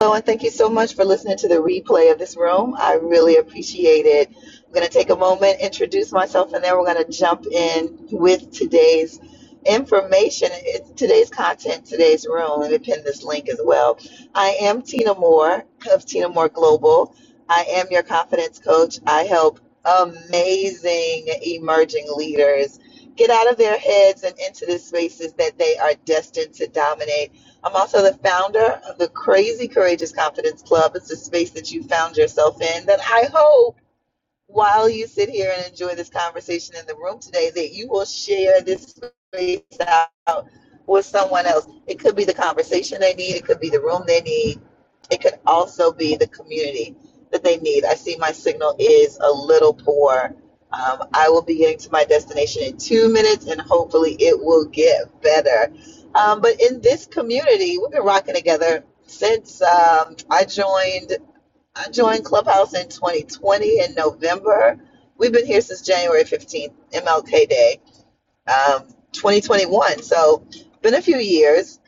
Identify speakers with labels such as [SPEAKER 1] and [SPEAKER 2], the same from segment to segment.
[SPEAKER 1] Hello, and thank you so much for listening to the replay of this room. I really appreciate it. I'm going to take a moment, introduce myself, and then we're going to jump in with today's information, it's today's content, today's room. Let me pin this link as well. I am Tina Moore of Tina Moore Global. I am your confidence coach. I help amazing emerging leaders get out of their heads and into the spaces that they are destined to dominate I'm also the founder of the Crazy Courageous Confidence Club. It's a space that you found yourself in that I hope while you sit here and enjoy this conversation in the room today that you will share this space out with someone else. It could be the conversation they need, it could be the room they need, it could also be the community that they need. I see my signal is a little poor. Um, I will be getting to my destination in two minutes and hopefully it will get better. Um, but in this community, we've been rocking together since um, I joined I joined Clubhouse in 2020 in November. We've been here since January 15th, MLK Day, um, 2021. So, been a few years.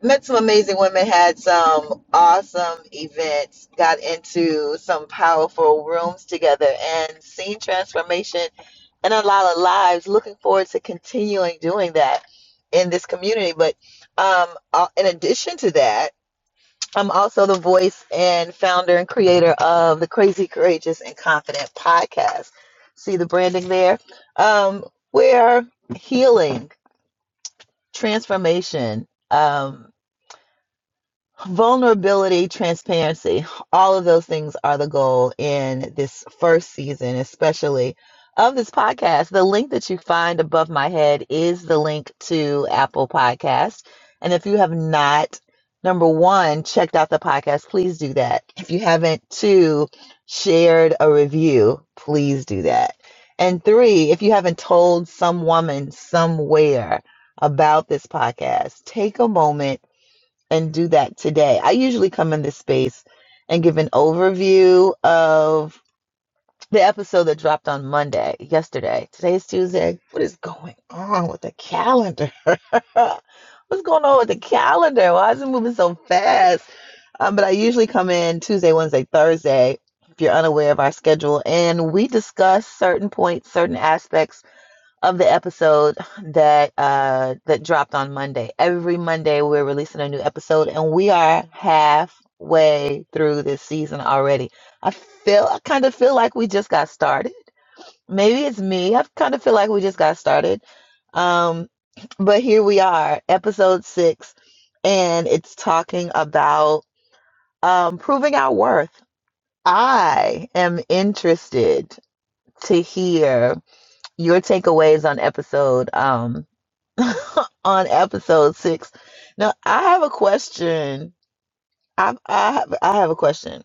[SPEAKER 1] Met some amazing women, had some awesome events, got into some powerful rooms together, and seen transformation in a lot of lives. Looking forward to continuing doing that in this community. But um, uh, in addition to that, I'm also the voice and founder and creator of the Crazy, Courageous, and Confident podcast. See the branding there? Um, where healing, transformation, um, vulnerability, transparency, all of those things are the goal in this first season, especially of this podcast. The link that you find above my head is the link to Apple Podcast. And if you have not, number one, checked out the podcast, please do that. If you haven't, two, shared a review, please do that. And three, if you haven't told some woman somewhere about this podcast, take a moment and do that today. I usually come in this space and give an overview of the episode that dropped on Monday, yesterday. Today's Tuesday. What is going on with the calendar? What's going on with the calendar? Why is it moving so fast? Um, but I usually come in Tuesday, Wednesday, Thursday, if you're unaware of our schedule, and we discuss certain points, certain aspects of the episode that uh that dropped on Monday. Every Monday we're releasing a new episode and we are halfway through this season already. I feel I kind of feel like we just got started. Maybe it's me. I kind of feel like we just got started. Um but here we are, episode 6 and it's talking about um proving our worth. I am interested to hear your takeaways on episode um on episode six. Now I have a question. I I have I have a question.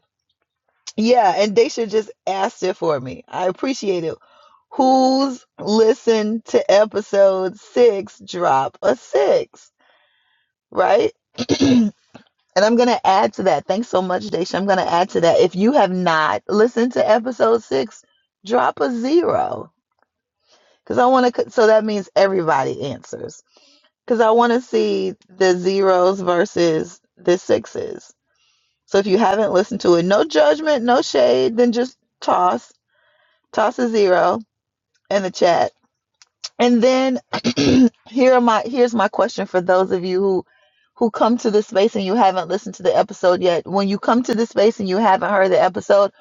[SPEAKER 1] Yeah, and Daisha just asked it for me. I appreciate it. Who's listened to episode six? Drop a six, right? and I'm gonna add to that. Thanks so much, Daisha. I'm gonna add to that. If you have not listened to episode six, drop a zero. Because I want to, so that means everybody answers. because I want to see the zeros versus the sixes. So if you haven't listened to it, no judgment, no shade, then just toss, toss a zero in the chat and then here are my here's my question for those of you who who come to this space and you haven't listened to the episode yet. When you come to this space and you haven't heard the episode,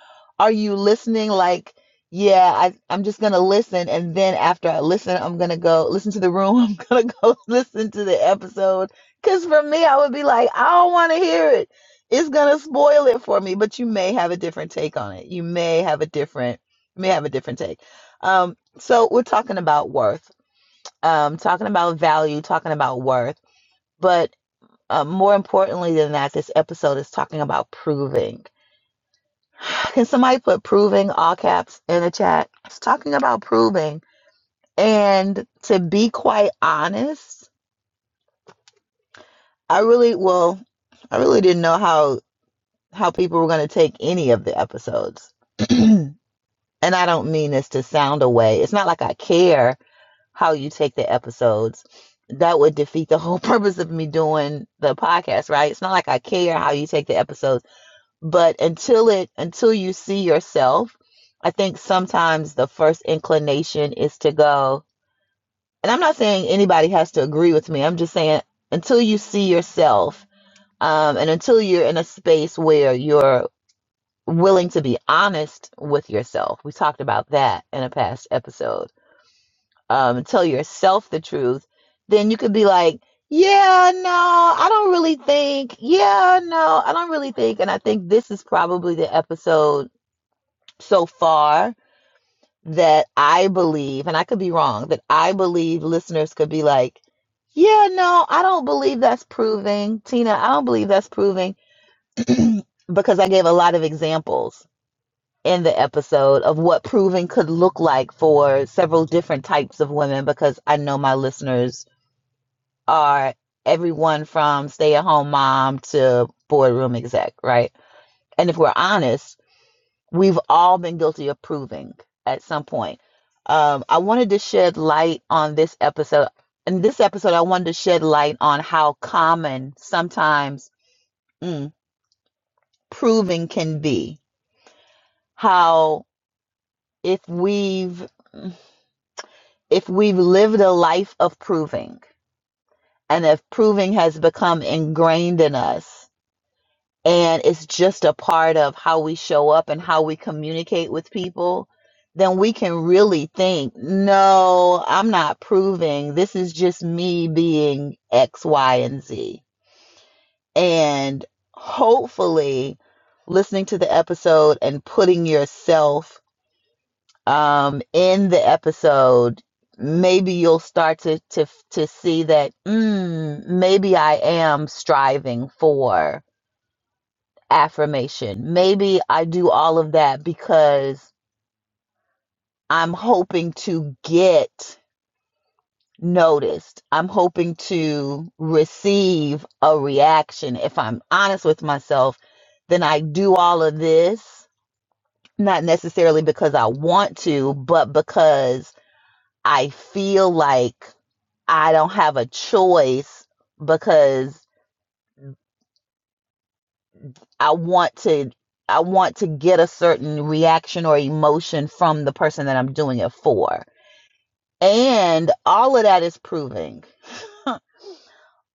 [SPEAKER 1] are you listening like, yeah, I, I'm just gonna listen and then after I listen, I'm gonna go listen to the room, I'm gonna go listen to the episode. Cause for me, I would be like, I don't wanna hear it. It's gonna spoil it for me. But you may have a different take on it. You may have a different you may have a different take. Um, so we're talking about worth um, talking about value, talking about worth. But uh, more importantly than that, this episode is talking about proving. Can somebody put proving all caps in the chat? It's talking about proving. And to be quite honest, I really, well, I really didn't know how how people were going to take any of the episodes. and I don't mean this to sound away. It's not like I care how you take the episodes. That would defeat the whole purpose of me doing the podcast, right? It's not like I care how you take the episodes, but until it until you see yourself, I think sometimes the first inclination is to go, and I'm not saying anybody has to agree with me. I'm just saying until you see yourself, um, and until you're in a space where you're willing to be honest with yourself. We talked about that in a past episode um, tell yourself the truth, then you could be like, yeah, no, I don't really think. Yeah, no, I don't really think. And I think this is probably the episode so far that I believe, and I could be wrong, that I believe listeners could be like, yeah, no, I don't believe that's proving. Tina, I don't believe that's proving because I gave a lot of examples in the episode of what proving could look like for several different types of women because I know my listeners are everyone from stay at home mom to boardroom exec, right? And if we're honest, we've all been guilty of proving at some point. Um, I wanted to shed light on this episode. In this episode, I wanted to shed light on how common sometimes mm, proving can be. How if we've if we've lived a life of proving and if proving has become ingrained in us and it's just a part of how we show up and how we communicate with people, then we can really think, no, I'm not proving. This is just me being X, Y, and Z. And hopefully, listening to the episode and putting yourself um, in the episode, maybe you'll start to to to see that mm, maybe I am striving for affirmation. Maybe I do all of that because I'm hoping to get noticed. I'm hoping to receive a reaction. If I'm honest with myself, then I do all of this, not necessarily because I want to, but because I feel like I don't have a choice because I want to I want to get a certain reaction or emotion from the person that I'm doing it for and all of that is proving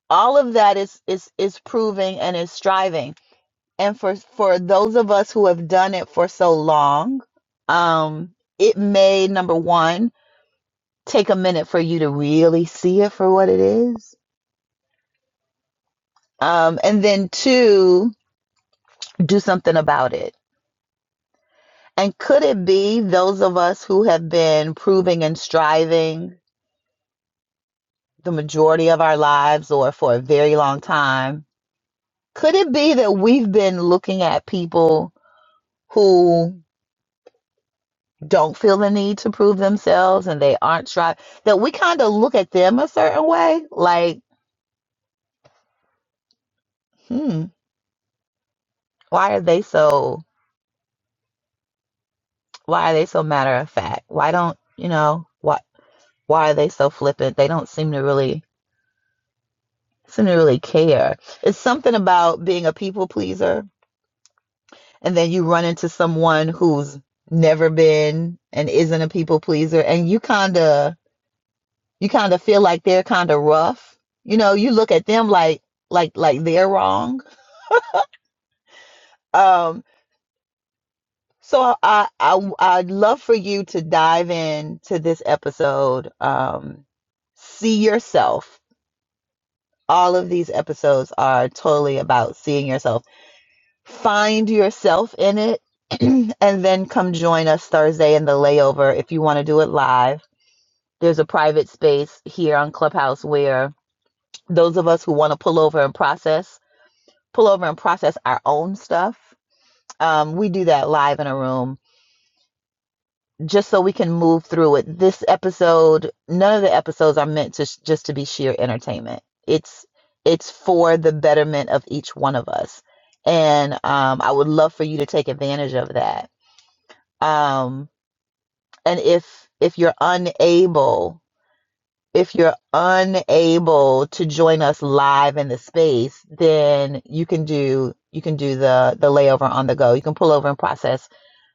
[SPEAKER 1] all of that is is is proving and is striving and for for those of us who have done it for so long um it may number one take a minute for you to really see it for what it is um and then two do something about it and could it be those of us who have been proving and striving the majority of our lives or for a very long time Could it be that we've been looking at people who don't feel the need to prove themselves and they aren't trying, that we kind of look at them a certain way? Like, hmm, why are they so, why are they so matter of fact? Why don't, you know, why, why are they so flippant? They don't seem to really, seem to really care. It's something about being a people pleaser and then you run into someone who's never been and isn't a people pleaser and you kind of, You kind of feel like they're kind of rough. You know, you look at them like like like they're wrong. Um, so I I I'd love for you to dive in to this episode. Um, see yourself. All of these episodes are totally about seeing yourself. Find yourself in it, and then come join us Thursday in the layover if you want to do it live. There's a private space here on Clubhouse where those of us who want to pull over and process pull over and process our own stuff. Um, we do that live in a room just so we can move through it. This episode, none of the episodes are meant to s- just to be sheer entertainment. It's it's for the betterment of each one of us, and um, I would love for you to take advantage of that. Um, and if if you're unable if you're unable to join us live in the space, then you can do you can do the the layover on the go. You can pull over and process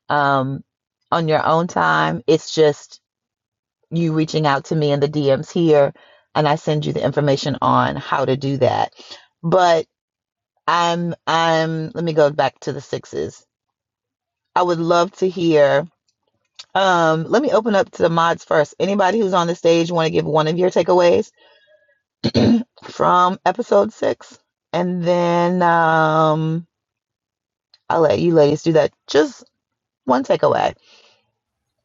[SPEAKER 1] um, on your own time. It's just you reaching out to me in the DMs here, and I send you the information on how to do that. But I'm I'm let me go back to the sixes. I would love to hear. Um, let me open up to the mods first. Anybody who's on the stage want to give one of your takeaways? from episode six. And then um, I'll let you ladies do that. Just one takeaway.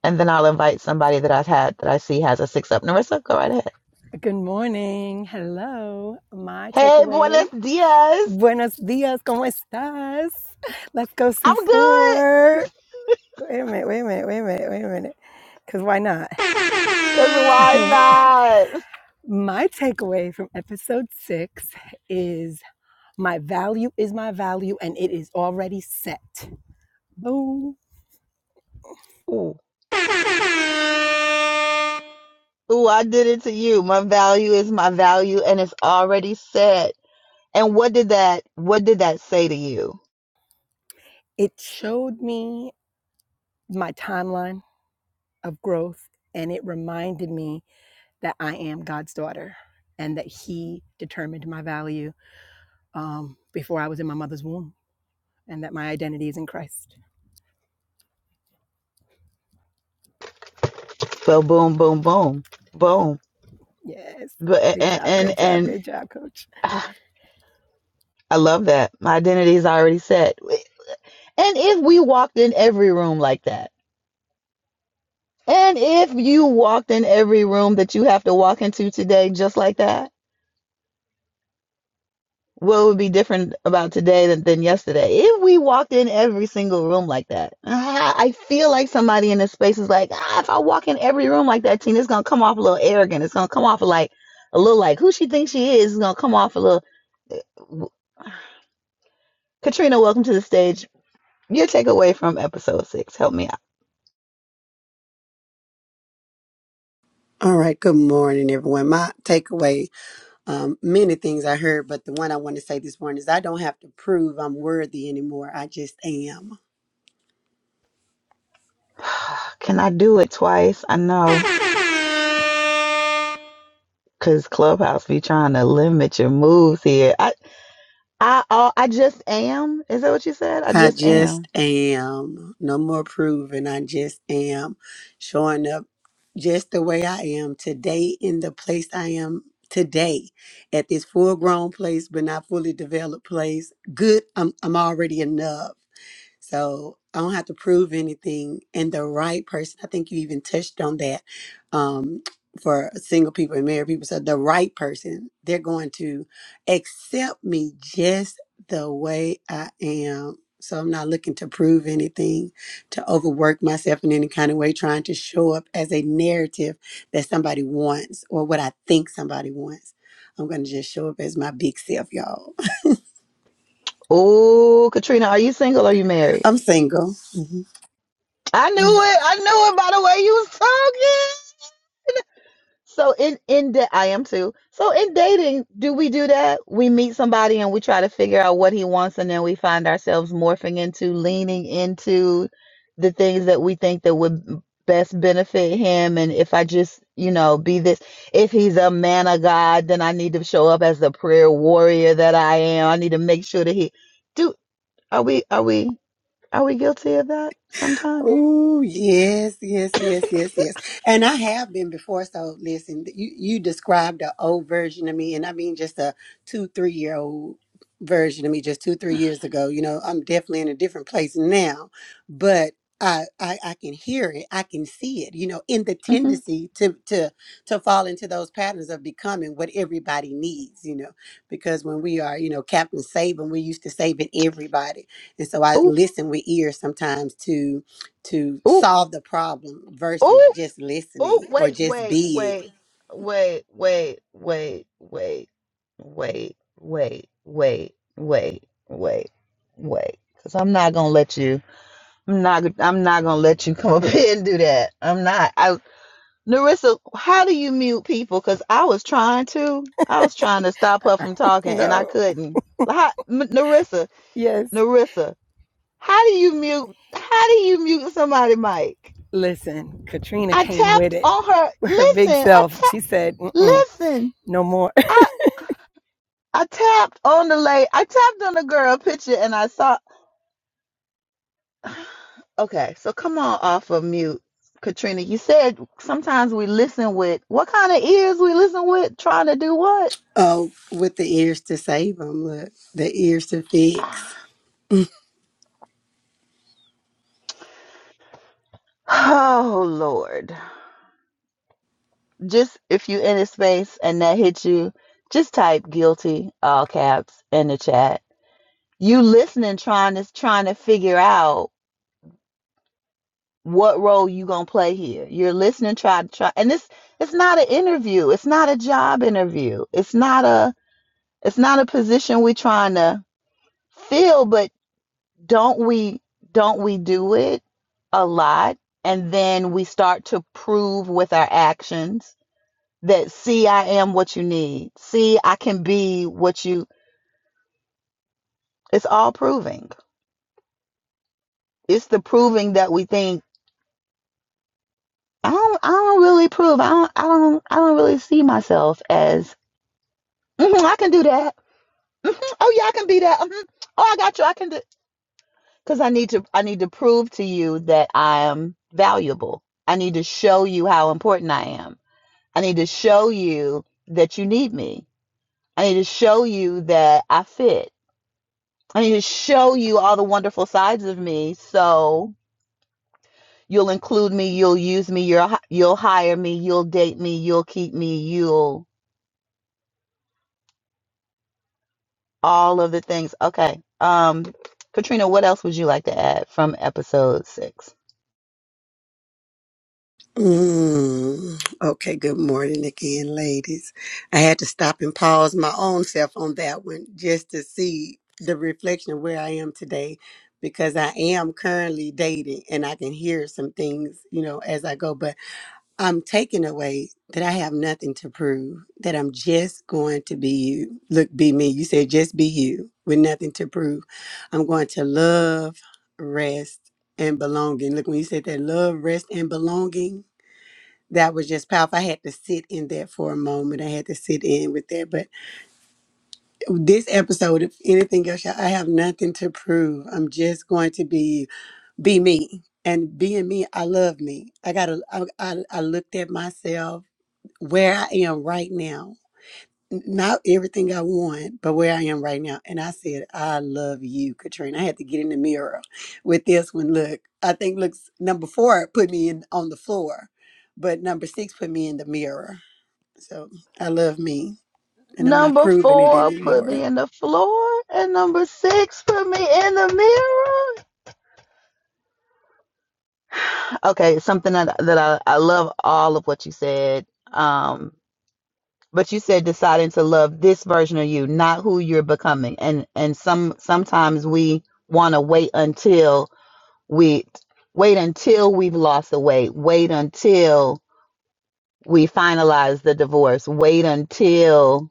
[SPEAKER 1] And then I'll invite somebody that I've had that I see has a six up. Narissa, go right ahead.
[SPEAKER 2] Good morning. Hello. My
[SPEAKER 1] Hey,
[SPEAKER 2] takeaway.
[SPEAKER 1] buenos dias.
[SPEAKER 2] Buenos dias. ¿Cómo estás? Let's go see
[SPEAKER 1] I'm good.
[SPEAKER 2] four. Wait a minute. Wait a minute. Wait a minute. Wait a minute. Because why not?
[SPEAKER 1] Because why not?
[SPEAKER 2] my takeaway from episode six is my value is my value and it is already set. Boom.
[SPEAKER 1] Ooh. Ooh, I did it to you. My value is my value and it's already set. And what did that what did that say to you?
[SPEAKER 2] It showed me my timeline of growth and it reminded me that I am God's daughter and that He determined my value um, before I was in my mother's womb and that my identity is in Christ.
[SPEAKER 1] So boom, boom, boom, boom.
[SPEAKER 2] Yes.
[SPEAKER 1] But
[SPEAKER 2] Great
[SPEAKER 1] and
[SPEAKER 2] job.
[SPEAKER 1] and,
[SPEAKER 2] Great job.
[SPEAKER 1] and
[SPEAKER 2] Great job, coach.
[SPEAKER 1] Ah, I love that. My identity is already set. And if we walked in every room like that, and if you walked in every room that you have to walk into today just like that, what would be different about today than, than yesterday? If we walked in every single room like that, I I feel like somebody in this space is like, ah, if I walk in every room like that, Tina, it's going to come off a little arrogant. It's going to come off like a little like who she thinks she is. It's going to come off a little. Katrina, welcome to the stage. Your takeaway from episode six. Help me out.
[SPEAKER 3] All right, good morning, everyone. My takeaway, um, many things I heard, but the one I want to say this morning is I don't have to prove I'm worthy anymore. I just am.
[SPEAKER 1] Can I do it twice? I know, cause Clubhouse be trying to limit your moves here. I, I, I, I just am. Is that what you said? I
[SPEAKER 3] I
[SPEAKER 1] just am.
[SPEAKER 3] just am. No more proving. I just am showing up just the way I am today in the place I am today at this full grown place, but not fully developed place. Good. I'm, I'm already enough. So I don't have to prove anything. And the right person, I think you even touched on that um, for single people and married people. So the right person, they're going to accept me just the way I am. So I'm not looking to prove anything, to overwork myself in any kind of way, trying to show up as a narrative that somebody wants or what I think somebody wants. I'm going to just show up as my big self, y'all.
[SPEAKER 1] Oh, Katrina, are you single? Or are you married?
[SPEAKER 3] I'm single. Mhm.
[SPEAKER 1] I knew it. I knew it by the way you was talking. So in in that I am too. So in dating, do we do that? We meet somebody and we try to figure out what he wants, and then we find ourselves morphing into leaning into the things that we think that would best benefit him. And if I just, you know, be this, if he's a man of God, then I need to show up as the prayer warrior that I am. I need to make sure that he do. Are we are we are we guilty of that sometimes?
[SPEAKER 3] Oh yes, yes, yes, yes, yes. And I have been before. So listen, you you described the old version of me, and I mean just a two three year old version of me, just two three years ago. You know, I'm definitely in a different place now, but I I, I can hear it, I can see it. You know, in the
[SPEAKER 1] Mm-hmm.
[SPEAKER 3] tendency to to to fall into those patterns of becoming what everybody needs. You know, because when we are you know Captain Saving, we're used to saving everybody, and so I
[SPEAKER 1] Ooh
[SPEAKER 3] listen with ears sometimes to to
[SPEAKER 1] ooh
[SPEAKER 3] solve the problem versus
[SPEAKER 1] ooh.
[SPEAKER 3] just
[SPEAKER 1] Oh,
[SPEAKER 3] listening or
[SPEAKER 1] wait,
[SPEAKER 3] just
[SPEAKER 1] wait,
[SPEAKER 3] being.
[SPEAKER 1] wait, wait, wait, wait, wait, wait, wait, wait, wait, wait, wait. Cause I'm not gonna let you. I'm not. I'm not gonna let you come up here and do that. I'm not. I, Narissa, how do you mute people? Cause I was trying to. I was trying to stop
[SPEAKER 2] Uh,
[SPEAKER 1] her from talking and I
[SPEAKER 2] No.
[SPEAKER 1] couldn't. So how, M- Narissa,
[SPEAKER 2] Yes.
[SPEAKER 1] Narissa, how do you mute? How do you mute somebody, Mike?
[SPEAKER 2] Listen, Katrina
[SPEAKER 1] I
[SPEAKER 2] came with
[SPEAKER 1] tapped
[SPEAKER 2] it.
[SPEAKER 1] on her.
[SPEAKER 2] with Her big
[SPEAKER 1] Listen, I
[SPEAKER 2] self.
[SPEAKER 1] tapped.
[SPEAKER 2] She said, Mm-mm,
[SPEAKER 1] Listen,
[SPEAKER 2] no more.
[SPEAKER 1] I I tapped on the lady. I tapped on the girl picture and I saw. Okay, so come on off of mute, Katrina. You said sometimes we listen with what kind of ears we listen with, trying to do what?
[SPEAKER 3] Oh, with the ears to save them, look, the ears to fix.
[SPEAKER 1] Oh Lord! Just if you in a space and that hit you, just type guilty all caps in the chat. You listening, trying to trying to figure out what role you gonna play here you're listening try to try and this it's not an interview it's not a job interview it's not a it's not a position we're trying to fill but don't we don't we do it a lot and then we start to prove with our actions that see i am what you need see i can be what you it's all proving it's the proving that we think i don't i don't really prove i don't i don't i don't really see myself as Mhm, I can do that. hmm Oh yeah, I can be that. hmm Oh, I got you. I can do because I need to. I need to prove to you that I am valuable. I need to show you how important I am. I need to show you that you need me. I need to show you that I fit. I need to show you all the wonderful sides of me. So you'll include me. You'll use me. You'll you'll hire me. You'll date me. You'll keep me. You'll all of the things. Okay. Um, Katrina, what else would you like to add from episode six?
[SPEAKER 3] Mm. Okay, good morning again, ladies. I had to stop and pause my own self on that one just to see the reflection of where I am today because I am currently dating and I can hear some things, you know, as I go. But I'm taking away that I have nothing to prove, that I'm just going to be you. Look, be me. You said just be you with nothing to prove. I'm going to love, rest, and belonging. Look, when you said that love, rest, and belonging, that was just powerful. I had to sit in that for a moment. I had to sit in with that. But this episode, if anything else, y'all, I have nothing to prove. I'm just going to be you. Be me. And being me, I love me. I gotta. I, I, I looked at myself where I am right now. N- Not everything I want, but where I am right now. And I said, I love you, Katrina. I had to get in the mirror with this one. Look, I think looks number four put me in on the floor, but number six put me in the mirror. So I love me and I'm not
[SPEAKER 1] Number
[SPEAKER 3] proving it
[SPEAKER 1] four, put
[SPEAKER 3] anymore.
[SPEAKER 1] me in the floor, and number six, put me in the mirror. Okay, something that that I, I love all of what you said. Um, but you said deciding to love this version of you, not who you're becoming. And and some sometimes we want to wait until we wait until we've lost the weight, wait until we finalize the divorce. Wait until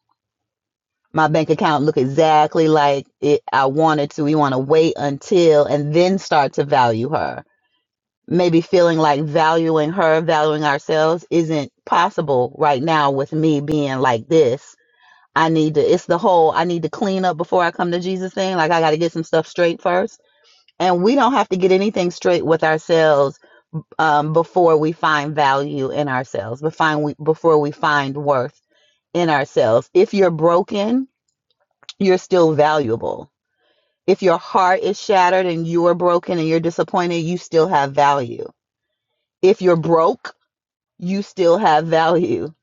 [SPEAKER 1] my bank account look exactly like it I wanted to. We want to wait until and then start to value her. Maybe feeling like valuing her, valuing ourselves isn't possible right now with me being like this. I need to it's the whole I need to clean up before I come to Jesus thing. Like I got to get some stuff straight first. And we don't have to get anything straight with ourselves um, before we find value in ourselves, before we, before we find worth in ourselves. If you're broken, you're still valuable. If your heart is shattered and you are broken and you're disappointed, you still have value. If you're broke, you still have value.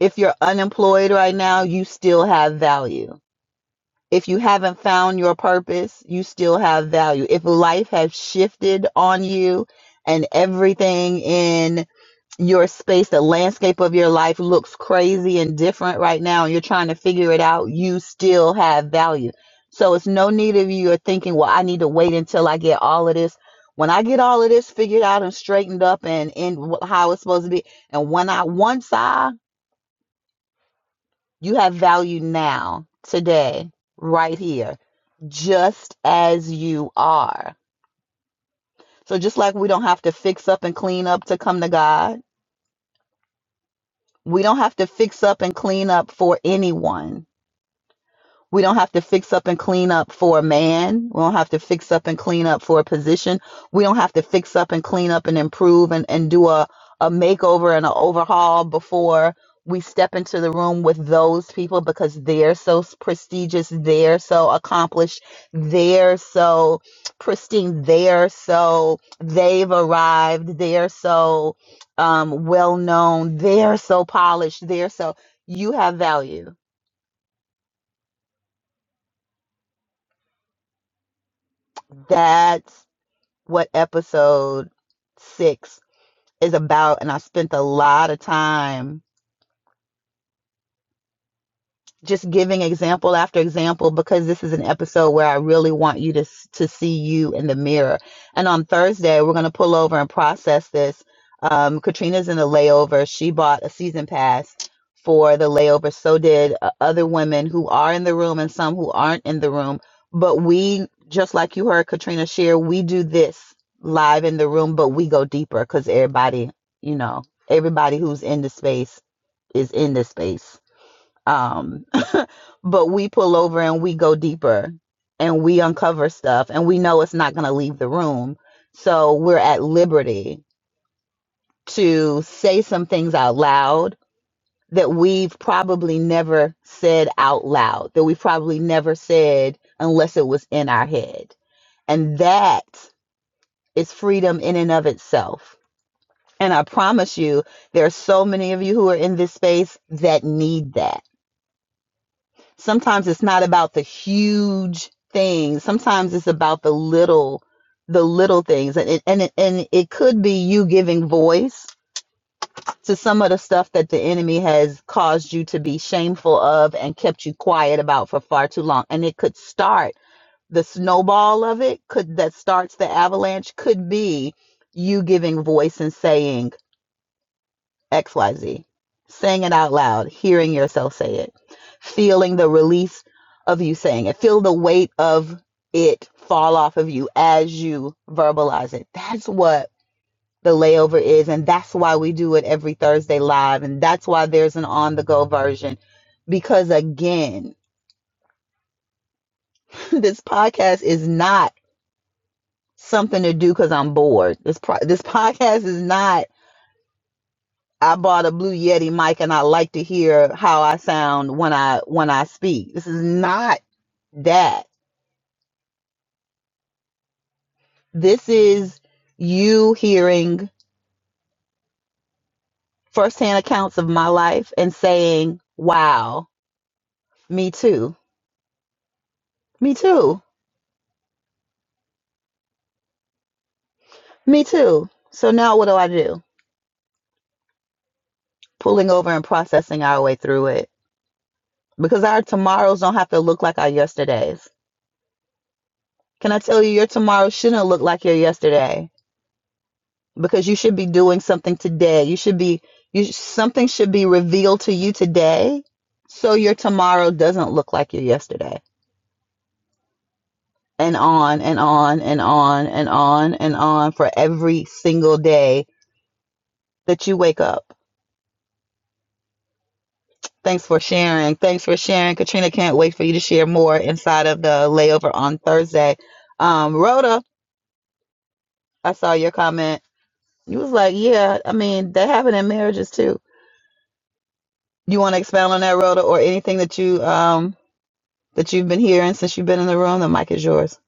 [SPEAKER 1] If you're unemployed right now, you still have value If you haven't found your purpose, you still have value. If life has shifted on you and everything in your space, the landscape of your life looks crazy and different right now, and you're trying to figure it out, you still have value. So it's no need of you are thinking, well, I need to wait until I get all of this. When I get all of this figured out and straightened up and in how it's supposed to be, and when I once I you have value now, today, right here, just as you are. So, just like we don't have to fix up and clean up to come to God, we don't have to fix up and clean up for anyone. We don't have to fix up and clean up for a man. We don't have to fix up and clean up for a position. We don't have to fix up and clean up and improve and, and do a, a makeover and an overhaul before we step into the room with those people because they're so s- prestigious, they're so accomplished, they're so pristine, they're so, they've arrived, they're so um, well known, they're so polished, they're so, you have value. That's what episode six is about, and I spent a lot of time just giving example after example because this is an episode where I really want you to to see you in the mirror. And on Thursday, we're going to pull over and process this. Um, Katrina's in the layover. She bought a season pass for the layover. So did uh, other women who are in the room and some who aren't in the room. But we, just like you heard Katrina share, we do this live in the room, but we go deeper because everybody, you know, everybody who's in the space is in the space. Um, but we pull over and we go deeper and we uncover stuff and we know it's not going to leave the room. So we're at liberty to say some things out loud that we've probably never said out loud, that we probably never said unless it was in our head. And that is freedom in and of itself. And I promise you, there are so many of you who are in this space that need that sometimes it's not about the huge things sometimes it's about the little the little things and it, and it, and it could be you giving voice to some of the stuff that the enemy has caused you to be shameful of and kept you quiet about for far too long and it could start the snowball of it could that starts the avalanche could be you giving voice and saying XYZ. Saying it out loud, hearing yourself say it, feeling the release of you saying it, feel the weight of it fall off of you as you verbalize it. That's what the layover is. And that's why we do it every Thursday live. And that's why there's an on the go version. Because again, this podcast is not something to do because I'm bored. This, pro- this podcast is not I bought a Blue Yeti mic and I like to hear how I sound when I when I speak. This is not that. This is you hearing firsthand accounts of my life and saying, "Wow, me too. Me too. Me too." So now what do I do? Pulling over and processing our way through it because our tomorrows don't have to look like our yesterdays. Can I tell you your tomorrow shouldn't look like your yesterday? because you should be doing something today. You should be you something should be revealed to you today so your tomorrow doesn't look like your yesterday. And on and on and on and on and on for every single day that you wake up. Thanks for sharing. Thanks for sharing. Katrina can't wait for you to share more inside of the layover on Thursday. Um, Rhoda, I saw your comment. You was like, yeah, I mean, that happened in marriages too. You want to expound on that, Rhoda, or anything that you um that you've been hearing since you've been in the room. The mic is yours.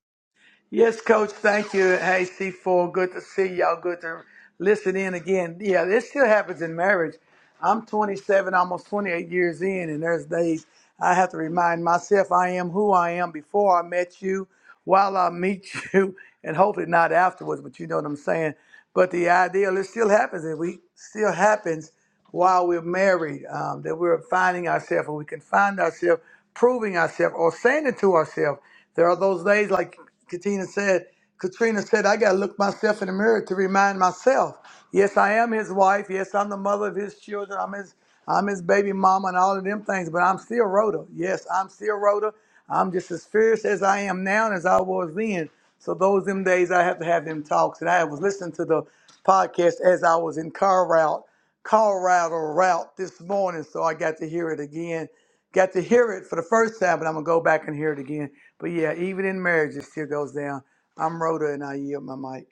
[SPEAKER 4] Yes, Coach. Thank you. Hey, C4. Good to see y'all. Good to listen in again. Yeah, this still happens in marriage. I'm 27, almost 28 years in, and there's days I have to remind myself I am who I am before I met you, while I meet you, and hopefully not afterwards. But you know what I'm saying. But the ideal, it still happens, and we still happens while we're married, um, that we're finding ourselves or we can find ourselves proving ourselves or saying it to ourselves. There are those days, like Katrina said, Katrina said, I got to look myself in the mirror to remind myself. Yes, I am his wife. Yes, I'm the mother of his children. I'm his, I'm his baby mama and all of them things, but I'm still Rhoda. Yes, I'm still Rhoda. I'm just as fierce as I am now and as I was then. So those them days I have to have them talks. And I was listening to the podcast as I was in car route Colorado route this morning, so I got to hear it again. Got to hear it for the first time, but I'm gonna go back and hear it again. But yeah, even in marriage, it still goes down. I'm Rhoda, and I yield my mic.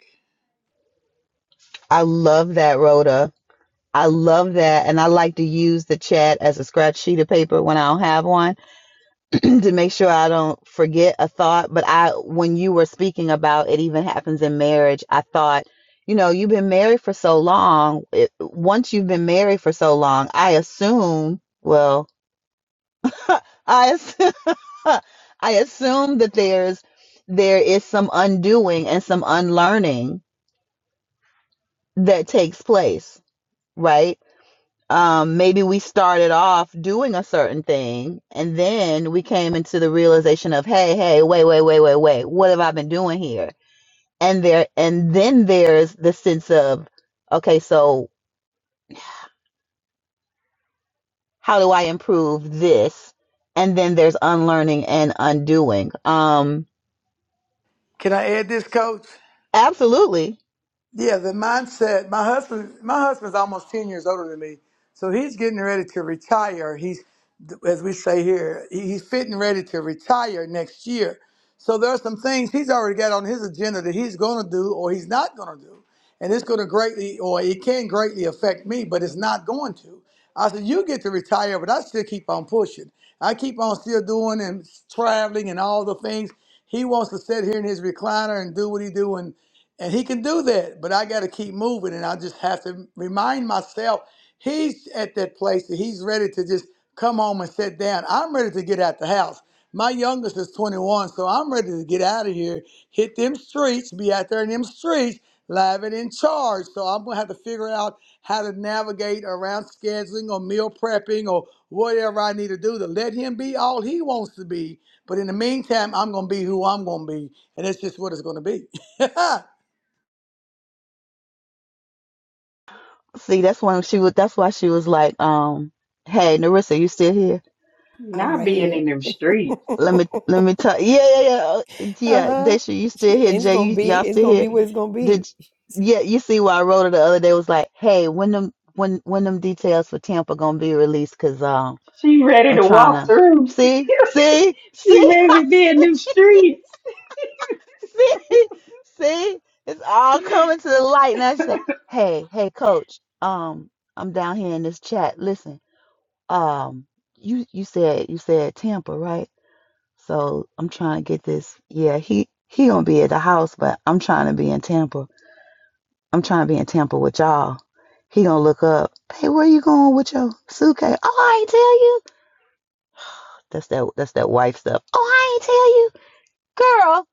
[SPEAKER 1] I love that, Rhoda. I love that. And I like to use the chat as a scratch sheet of paper when I don't have one to make sure I don't forget a thought. But I, when you were speaking about it even happens in marriage, I thought, you know, you've been married for so long. It, once you've been married for so long, I assume, well, I, assume, I assume that there's, there is some undoing and some unlearning that takes place, right? Um, maybe we started off doing a certain thing and then we came into the realization of, hey, hey, wait, wait, wait, wait, wait, what have I been doing here? And there and then there's the sense of, okay, so how do I improve this? And then there's unlearning and undoing. Um,
[SPEAKER 4] Can I add this, Coach?
[SPEAKER 1] absolutely.
[SPEAKER 4] Yeah, the mindset. My husband, my husband's almost ten years older than me, so he's getting ready to retire. He's, as we say here, he- he's fitting ready to retire next year. So there are some things he's already got on his agenda that he's going to do or he's not going to do, and it's going to greatly or it can greatly affect me, but it's not going to. I said, you get to retire, but I still keep on pushing. I keep on still doing and traveling and all the things. He wants to sit here in his recliner and do what he do and he can do that, but I got to keep moving. And I just have to remind myself he's at that place that he's ready to just come home and sit down. I'm ready to get out the house. My youngest is 21, so I'm ready to get out of here, hit them streets, be out there in them streets, live and in charge. So I'm going to have to figure out how to navigate around scheduling or meal prepping or whatever I need to do to let him be all he wants to be. But in the meantime, I'm going to be who I'm going to be. And that's just what it's going to be.
[SPEAKER 1] See, that's when she was that's why she was like, um, hey, Narissa, you still here?
[SPEAKER 2] I'm
[SPEAKER 5] Not
[SPEAKER 2] right
[SPEAKER 5] being
[SPEAKER 2] here.
[SPEAKER 5] in them streets.
[SPEAKER 1] Let me let me tell. Yeah, yeah, yeah. Uh, Yeah,
[SPEAKER 2] uh-huh.
[SPEAKER 1] Daisha, you
[SPEAKER 2] She
[SPEAKER 1] still
[SPEAKER 2] said,
[SPEAKER 1] here?
[SPEAKER 2] It's
[SPEAKER 1] Jay,
[SPEAKER 2] gonna
[SPEAKER 1] you
[SPEAKER 2] be,
[SPEAKER 1] y'all
[SPEAKER 2] it's
[SPEAKER 1] still
[SPEAKER 2] gonna
[SPEAKER 1] here?
[SPEAKER 2] be what it's gonna
[SPEAKER 1] Did
[SPEAKER 2] be.
[SPEAKER 1] yeah? You see why I wrote it the other day? It was like, hey, when them when when them details for Tampa gonna be released? Cause um,
[SPEAKER 5] She ready
[SPEAKER 1] I'm
[SPEAKER 5] to
[SPEAKER 1] trying
[SPEAKER 5] walk
[SPEAKER 1] to
[SPEAKER 5] through.
[SPEAKER 1] see, see,
[SPEAKER 5] she
[SPEAKER 1] see,
[SPEAKER 5] ready to be in them streets.
[SPEAKER 1] see, see. It's all coming to the light. And I said, hey, hey, coach. Um, I'm down here in this chat. Listen, um, you you said you said Tampa, right? So I'm trying to get this. Yeah, he he gonna be at the house, but I'm trying to be in Tampa. I'm trying to be in Tampa with y'all. He gonna look up. Hey, where you going with your suitcase? Oh, I ain't tell you. That's that. That's that wife stuff. Oh, I ain't tell you, girl.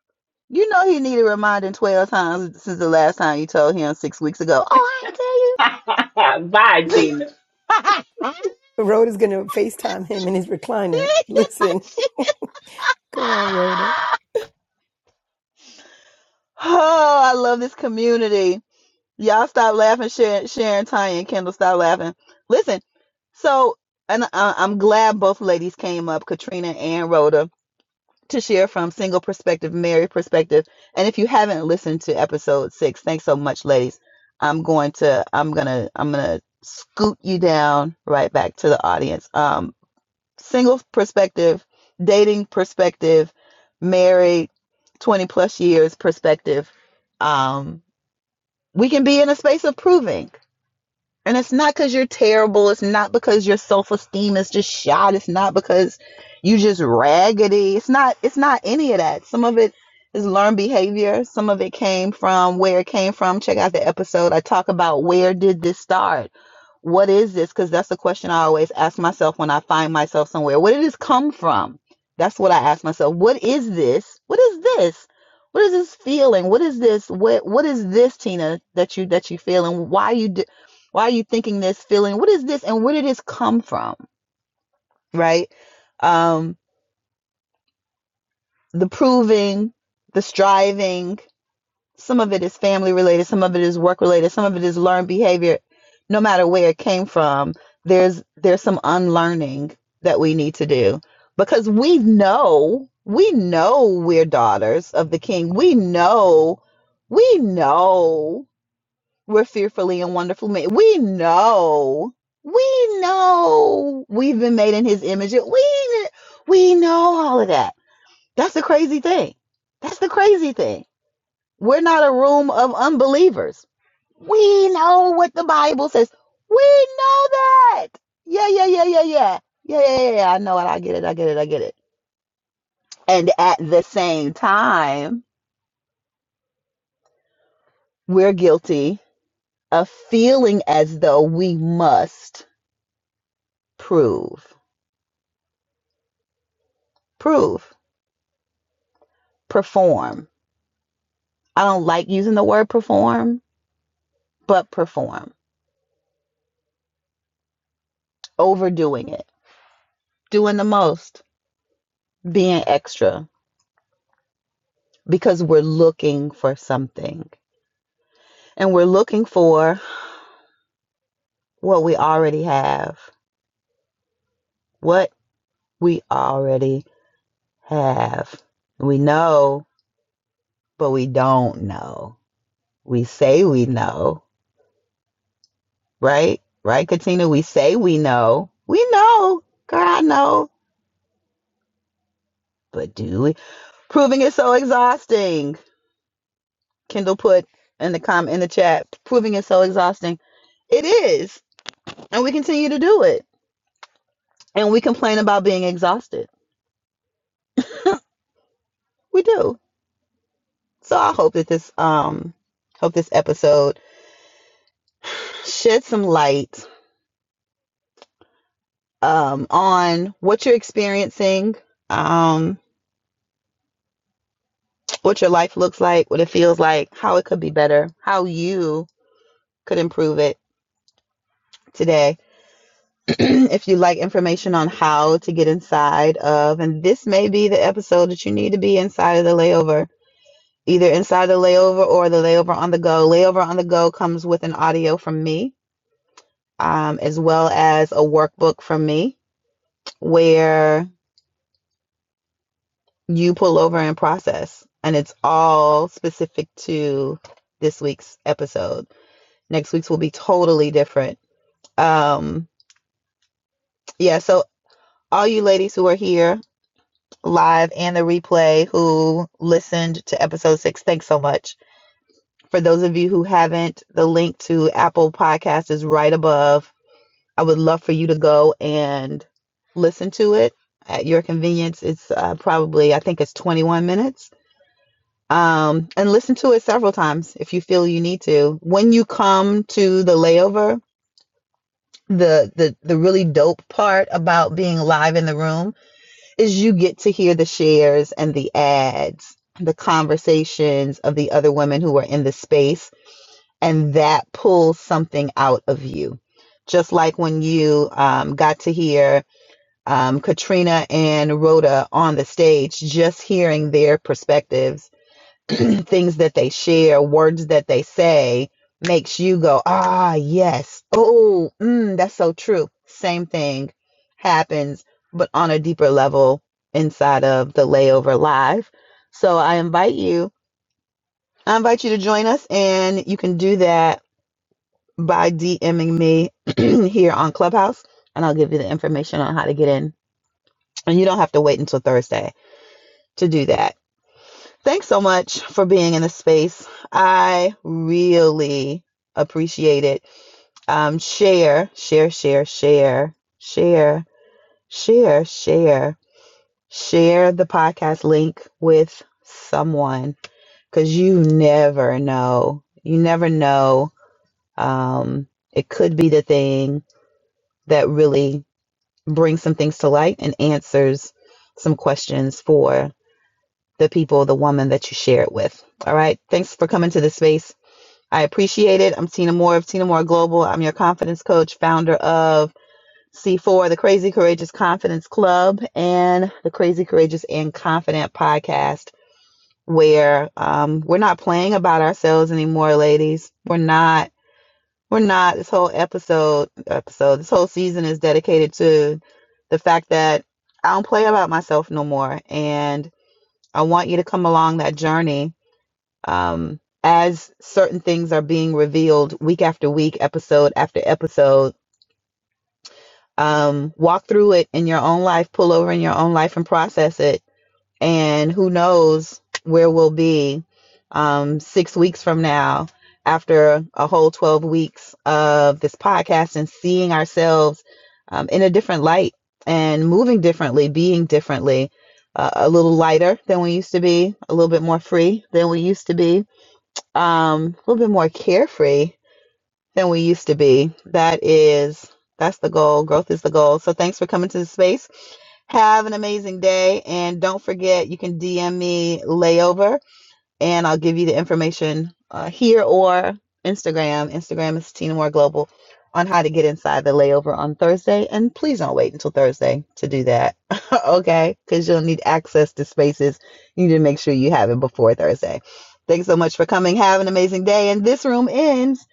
[SPEAKER 1] You know he needed reminding twelve times since the last time you told him six weeks ago. Oh, I ain't tell you.
[SPEAKER 5] Bye,
[SPEAKER 2] Rhoda's gonna FaceTime him in his recliner. Listen. Come on, Rhoda.
[SPEAKER 1] oh, I love this community. Y'all stop laughing. Sharon, Sharon, Tanya, and Kendall, stop laughing. Listen, so, and I, I'm glad both ladies came up, Katrina and Rhoda, to share from single perspective, married perspective. And if you haven't listened to episode six, thanks so much, ladies. I'm going to, I'm gonna, I'm gonna scoot you down right back to the audience. Um, single perspective, dating perspective, married, 20 plus years perspective. Um, we can be in a space of proving. And it's not because you're terrible. It's not because your self esteem is just shot. It's not because you just raggedy. It's not. It's not any of that. Some of it is learned behavior. Some of it came from where it came from. Check out the episode. I talk about where did this start. What is this? Because that's the question I always ask myself when I find myself somewhere. Where did this come from? That's what I ask myself. What is this? What is this? What is this feeling? What is this? What What is this, Tina? That you that you feeling? Why you? why are you thinking this feeling what is this and where did this come from right um the proving the striving some of it is family related some of it is work related some of it is learned behavior no matter where it came from there's there's some unlearning that we need to do because we know we know we're daughters of the king we know we know We're fearfully and wonderfully made. We know. We know we've been made in his image. We we know all of that. That's the crazy thing. That's the crazy thing. We're not a room of unbelievers. We know what the Bible says. We know that. Yeah, yeah, yeah, yeah, yeah. Yeah, yeah, yeah. yeah. I know it. I get it. I get it. I get it. And at the same time, we're guilty of feeling as though we must prove. prove, perform. I don't like using the word perform, but perform, overdoing it, doing the most, being extra because we're looking for something and we're looking for what we already have, what we already have. We know, but we don't know. We say we know, right? Right, Katina? We say we know. We know. Girl, I know. But do we? Proving is so exhausting Kendall put in the com in the chat, proving it's so exhausting. It is, and we continue to do it, and we complain about being exhausted. We do. So I hope that this um hope this episode shed some light um on what you're experiencing, um what your life looks like, what it feels like, how it could be better, how you could improve it today if you like information on how to get inside of, and this may be the episode that you need to be inside of the layover, either inside the layover or the layover on the go. Layover on the go comes with an audio from me, um, as well as a workbook from me where you pull over and process. And it's all specific to this week's episode. Next week's will be totally different. Um, yeah, so all you ladies who are here, live and the replay who listened to episode six. Thanks so much. For those of you who haven't, the link to Apple Podcast is right above. I would love for you to go and listen to it at your convenience. It's uh, probably, I think it's 21 minutes. Um, and listen to it several times if you feel you need to. When you come to the layover, the, the the really dope part about being live in the room is you get to hear the shares and the ads, the conversations of the other women who are in the space, and that pulls something out of you. Just like when you um, got to hear um, Katrina and Rhoda on the stage, just hearing their perspectives things that they share, words that they say, makes you go, ah, yes. Oh, mm, that's so true. Same thing happens, but on a deeper level inside of the layover live. So I invite you, I invite you to join us, and you can do that by DMing me here on Clubhouse, and I'll give you the information on how to get in. And you don't have to wait until Thursday to do that. Thanks so much for being in the space. I really appreciate it. Um, share, share, share, share, share, share, share, share the podcast link with someone because you never know. You never know. Um, it could be the thing that really brings some things to light and answers some questions for the people, the woman that you share it with. All right. Thanks for coming to the space. I appreciate it. I'm Tina Moore of Tina Moore Global. I'm your confidence coach, founder of C4, the Crazy Courageous Confidence Club, and the Crazy Courageous and Confident podcast, where um, we're not playing about ourselves anymore, ladies. We're not. We're not. This whole episode, episode, this whole season is dedicated to the fact that I don't play about myself no more, and I want you to come along that journey um, as certain things are being revealed week after week, episode after episode, um, walk through it in your own life, pull over in your own life and process it. And who knows where we'll be um, six weeks from now after a whole 12 weeks of this podcast and seeing ourselves um, in a different light and moving differently, being differently. Uh, a little lighter than we used to be, a little bit more free than we used to be, um, a little bit more carefree than we used to be. That is, that's the goal. Growth is the goal. So thanks for coming to the space. Have an amazing day. And don't forget, you can DM me layover and I'll give you the information uh, here or Instagram. Instagram is Tina Moore Global on how to get inside the layover on Thursday. And please don't wait until Thursday to do that, okay? Because you'll need access to spaces. You need to make sure you have it before Thursday. Thanks so much for coming. Have an amazing day. And this room ends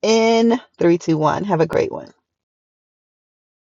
[SPEAKER 1] in three, two, one. Have a great one.